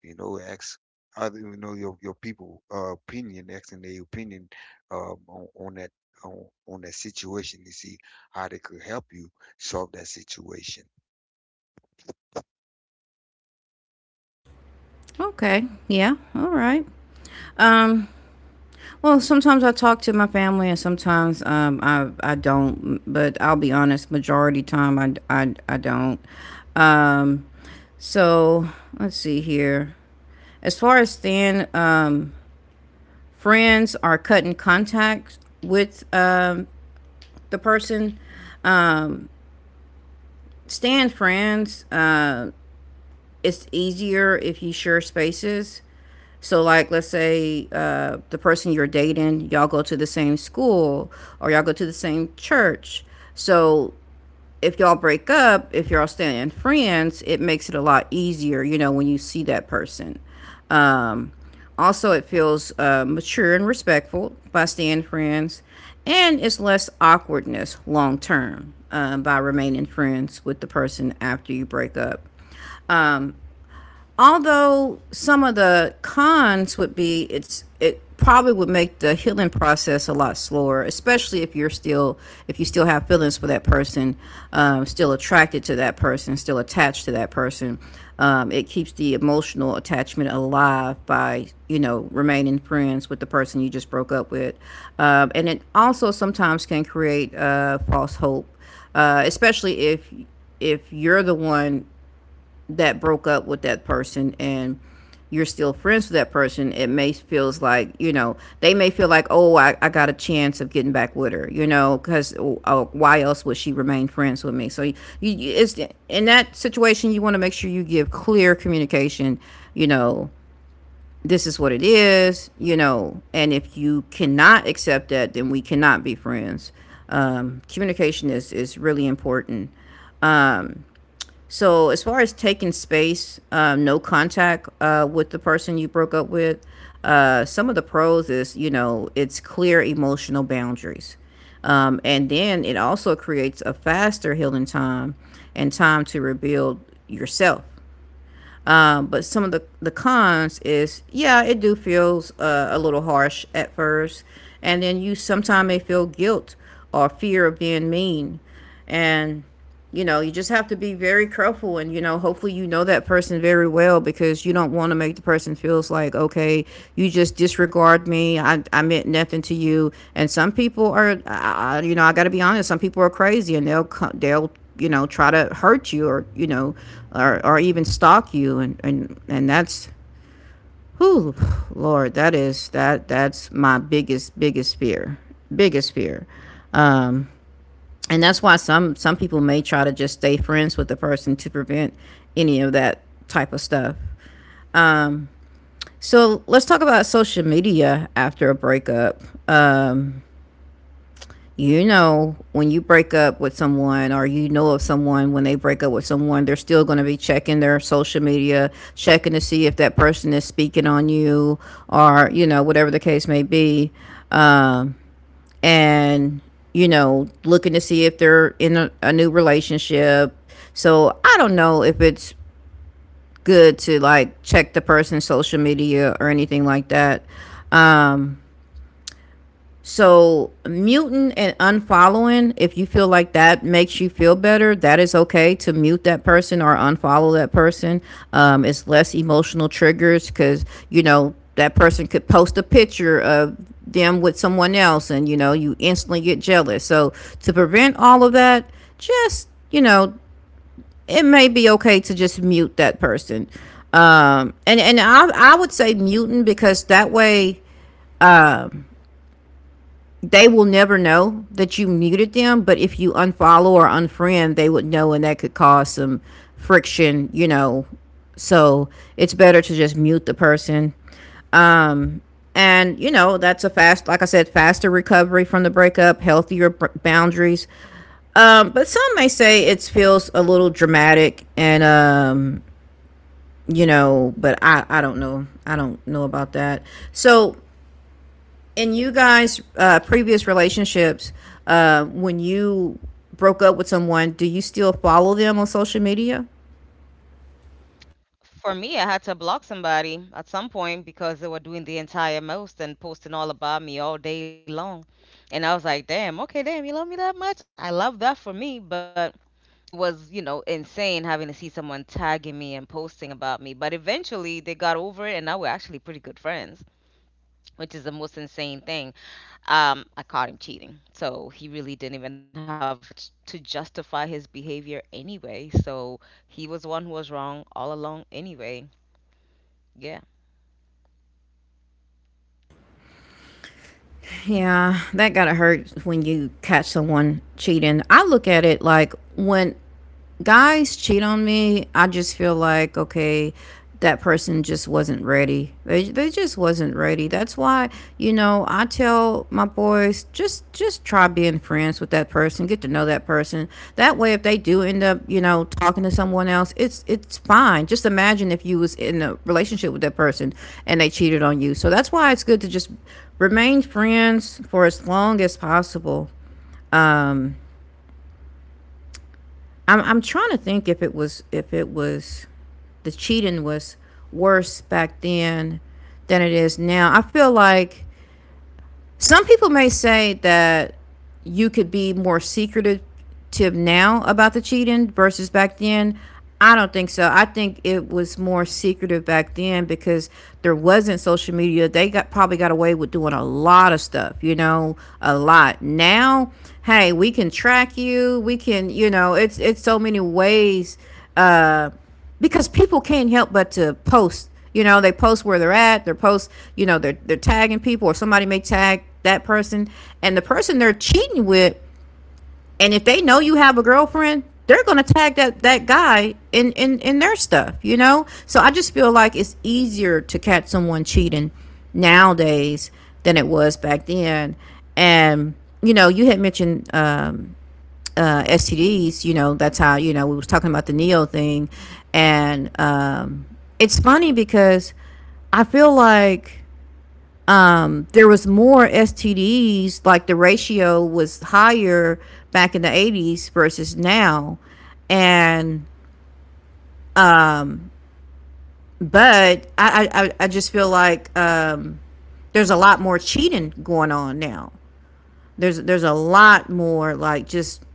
You know, ask other, you know, your people opinion, asking their opinion um, on, on that on that situation, to see how they could help you solve that situation. Okay. Yeah. All right. um Well, sometimes I talk to my family, and sometimes I don't. But I'll be honest, majority time I don't. Um, so let's see here. As far as staying, friends or cutting contact with, the person, staying friends. It's easier if you share spaces. So, like, let's say, the person you're dating, y'all go to the same school or y'all go to the same church. So, if y'all break up, if y'all staying friends, it makes it a lot easier, you know, when you see that person. Um, also, it feels mature and respectful by staying friends, and it's less awkwardness long term by remaining friends with the person after you break up. Um, although some of the cons would be, it probably would make the healing process a lot slower, especially if you're still if you still have feelings for that person, still attracted to that person, still attached to that person. It keeps the emotional attachment alive by, you know, remaining friends with the person you just broke up with. And it also sometimes can create false hope, especially if you're the one that broke up with that person, and you're still friends with that person, it may feels like, you know, they may feel like, oh, I got a chance of getting back with her, you know, because, oh, why else would she remain friends with me? So you, it's in that situation, you want to make sure you give clear communication, you know, this is what it is, you know, and if you cannot accept that, then we cannot be friends. Communication is really important. Um, so as far as taking space, no contact with the person you broke up with, some of the pros is, you know, it's clear emotional boundaries, and then it also creates a faster healing time and time to rebuild yourself. But some of the cons is, yeah, it do feels a little harsh at first, and then you sometimes may feel guilt or fear of being mean, and, you know, you just have to be very careful, and, you know, hopefully you know that person very well, because you don't want to make the person feels like, okay, you just disregard me, I meant nothing to you. And some people are I, you know, I gotta be honest, some people are crazy, and they'll they'll, you know, try to hurt you, or, you know, or even stalk you, and that's who lord, that is that that's my biggest fear, biggest fear. And that's why some people may try to just stay friends with the person to prevent any of that type of stuff. um, so let's talk about social media after a breakup. Um. You know, when you break up with someone, or you know of someone when they break up with someone, they're still going to be checking their social media, checking to see if that person is speaking on you, or, you know, whatever the case may be, um, and, you know, looking to see if they're in a new relationship. So I don't know if it's good to like check the person's social media or anything like that. um, so, muting and unfollowing, if you feel like that makes you feel better, that is okay to mute that person or unfollow that person. It's less emotional triggers because, you know, that person could post a picture of them with someone else and, you know, you instantly get jealous. So, to prevent all of that, just, you know, it may be okay to just mute that person. And I would say muting because that way, they will never know that you muted them, but if you unfollow or unfriend, they would know, and that could cause some friction, you know. So it's better to just mute the person. And, you know, that's a fast, like I said, faster recovery from the breakup, healthier boundaries. But some may say it feels a little dramatic and, you know, but I don't know. I don't know about that. So in you guys' previous relationships, when you broke up with someone, do you still follow them on social media? For me, I had to block somebody at some point because they were doing the entire most and posting all about me all day long. And I was like, damn, okay, damn, you love me that much? I love that for me. But it was, you know, insane having to see someone tagging me and posting about me. But eventually they got over it and now we're actually pretty good friends, which is the most insane thing. I caught him cheating. So he really didn't even have much to justify his behavior anyway. So he was the one who was wrong all along anyway. Yeah. Yeah, that gotta hurt when you catch someone cheating. I look at it like when guys cheat on me, I just feel like, okay, that person just wasn't ready. They just wasn't ready. That's why, you know, I tell my boys just try being friends with that person, get to know that person. That way if they do end up, you know, talking to someone else, it's fine. Just imagine if you was in a relationship with that person and they cheated on you. So that's why it's good to just remain friends for as long as possible. I'm trying to think if it was the cheating was worse back then than it is now. I feel like some people may say that you could be more secretive now about the cheating versus back then. I don't think so. I think it was more secretive back then because there wasn't social media. They got probably got away with doing a lot of stuff, you know, a lot. Now, hey, we can track you. We can, you know, it's so many ways, uh because people can't help but to post. You know, they post where they're at. They post, you know, they're tagging people, or somebody may tag that person, and the person they're cheating with. And if they know you have a girlfriend, they're gonna tag that guy in their stuff. You know, so I just feel like it's easier to catch someone cheating nowadays than it was back then. And, you know, you had mentioned STDs, you know, that's how, you know, we was talking about the Neo thing. And it's funny because I feel like there was more STDs, like the ratio was higher back in the 80s versus now. And, but I just feel like there's a lot more cheating going on now. There's a lot more, like just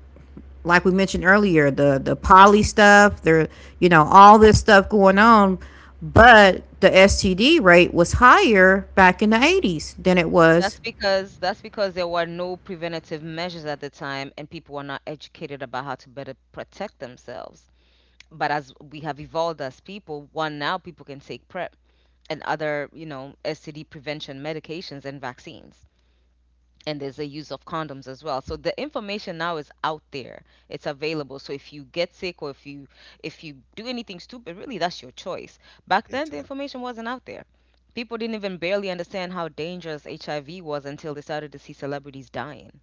like we mentioned earlier, the poly stuff, there, you know, all this stuff going on, but the STD rate was higher back in the 80s than it was. That's because there were no preventative measures at the time, and people were not educated about how to better protect themselves. But as we have evolved as people, one, now people can take PrEP and other, you know, STD prevention medications and vaccines, and there's a use of condoms as well. So the information now is out there. It's available. So if you get sick, or if you do anything stupid, really that's your choice. Back then It's the a. information wasn't out there. People didn't even barely understand how dangerous HIV was until they started to see celebrities dying.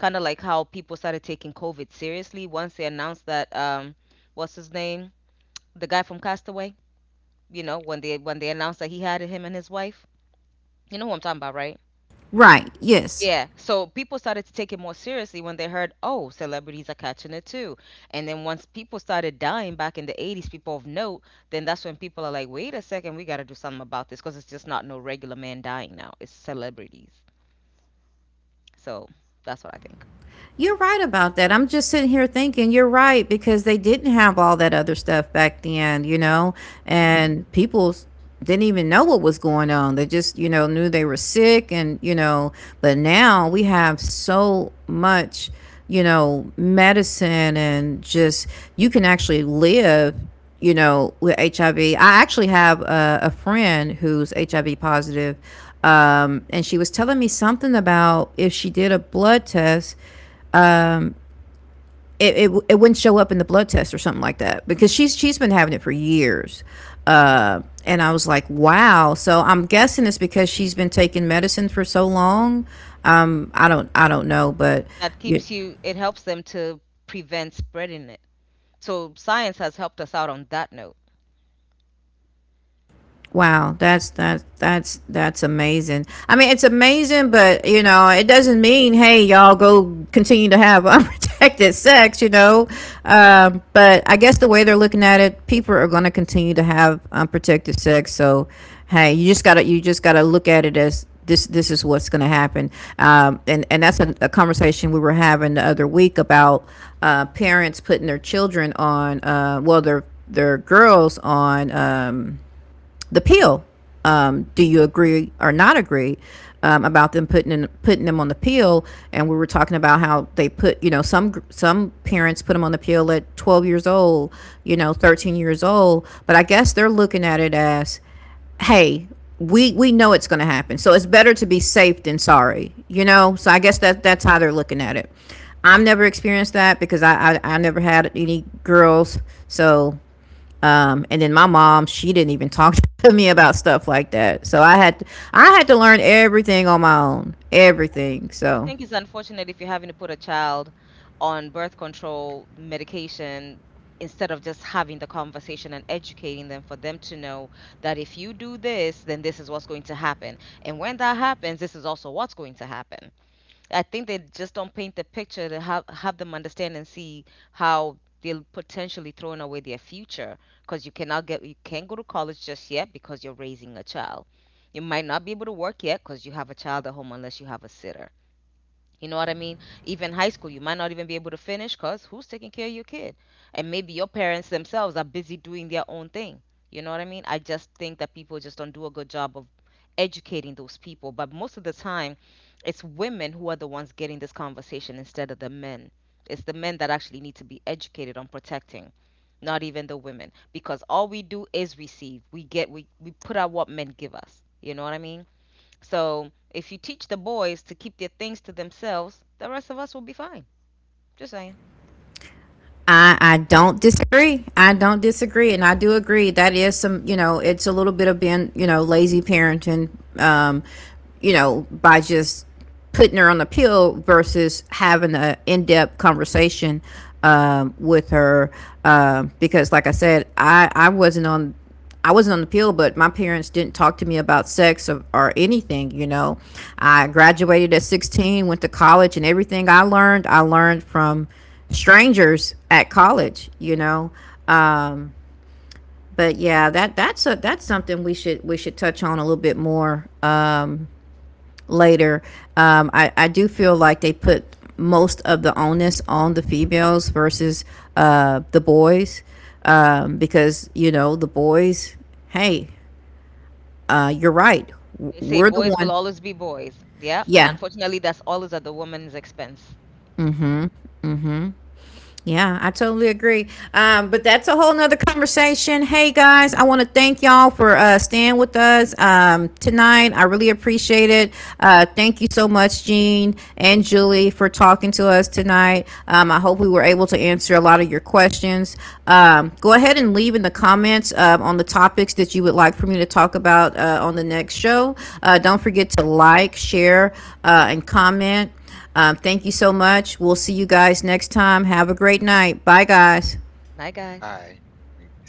Kind of like how people started taking COVID seriously once they announced that, what's his name, the guy from Castaway, you know, when they announced that he had it, him and his wife. You know who I'm talking about, right? Right. Yes. Yeah, so people started to take it more seriously when they heard, oh, celebrities are catching it too. And then once people started dying back in the 80s, people of note, then that's when people are like, wait a second, we got to do something about this because it's just not no regular man dying now. It's celebrities. So that's what I think. You're right about that. I'm just sitting here thinking you're right because they didn't have all that other stuff back then, Hmm. and people didn't even know what was going on. They just, knew they were sick, and, but now we have so much, medicine, and just you can actually live, with HIV. IV. I actually have a friend who's HIV positive. And she was telling me something about if she did a blood test, it wouldn't show up in the blood test or something like that, because she's been having it for years. Mm. And I was like, wow, so I'm guessing it's because she's been taking medicine for so long. I don't know, but That you. keeps you, it helps them to prevent spreading it. So science has helped us out on that note. Wow, that's amazing. I mean, it's amazing, but, it doesn't mean, hey, y'all go continue to have unprotected sex. But I guess the way they're looking at it, people are going to continue to have unprotected sex. So, hey, you just gotta look at it as this is what's going to happen. And that's a conversation we were having the other week about parents putting their children on, well, their girls on. The pill. Do you agree or not agree about them putting them on the pill? And we were talking about how they put, some parents put them on the pill at 12 years old, 13 years old. But I guess they're looking at it as, hey, we know it's going to happen, so it's better to be safe than sorry. So I guess that's how they're looking at it. I've never experienced that because I never had any girls, so, and then my mom, she didn't even talk to me about stuff like that. So I had to learn everything on my own, everything. I So think it's unfortunate if you're having to put a child on birth control medication instead of just having the conversation and educating them for them to know that if you do this, then this is what's going to happen. And when that happens, this is also what's going to happen. I think they just don't paint the picture to have them understand and see how they're potentially throwing away their future because you cannot get you can't go to college just yet because you're raising a child. You might not be able to work yet because you have a child at home unless you have a sitter, you know what I mean? Even high school, you might not even be able to finish because who's taking care of your kid? And maybe your parents themselves are busy doing their own thing. You know what I mean? I just think that people just don't do a good job of educating those people. But most of the time, it's women who are the ones getting this conversation instead of the men. It's the men that actually need to be educated on protecting, not even the women. Because all we do is receive. We put out what men give us. You know what I mean? So if you teach the boys to keep their things to themselves, the rest of us will be fine. Just saying. I don't disagree. I don't disagree, and I do agree that is some it's a little bit of being lazy parenting, um, by just putting her on the pill versus having an in-depth conversation with her, because like I said, I wasn't on the pill, but my parents didn't talk to me about sex or anything, you know. I graduated at 16, went to college, and everything I learned from strangers at college. But yeah, that's something we should touch on a little bit more later. I do feel like they put most of the onus on the females versus the boys, because the boys, hey, you're right. They say We're the boys will one. always be boys. Yeah, and Yeah. unfortunately, that's always at the woman's expense. Yeah, I totally agree. But that's a whole nother conversation. Hey guys, I want to thank y'all for staying with us tonight. I really appreciate it. Thank you so much, Jean and Julie, for talking to us tonight. I hope we were able to answer a lot of your questions. Go ahead and leave in the comments on the topics that you would like for me to talk about on the next show. Don't forget to like, share, and comment. Thank you so much. We'll see you guys next time. Have a great night. Bye, guys. Good night, guys. I.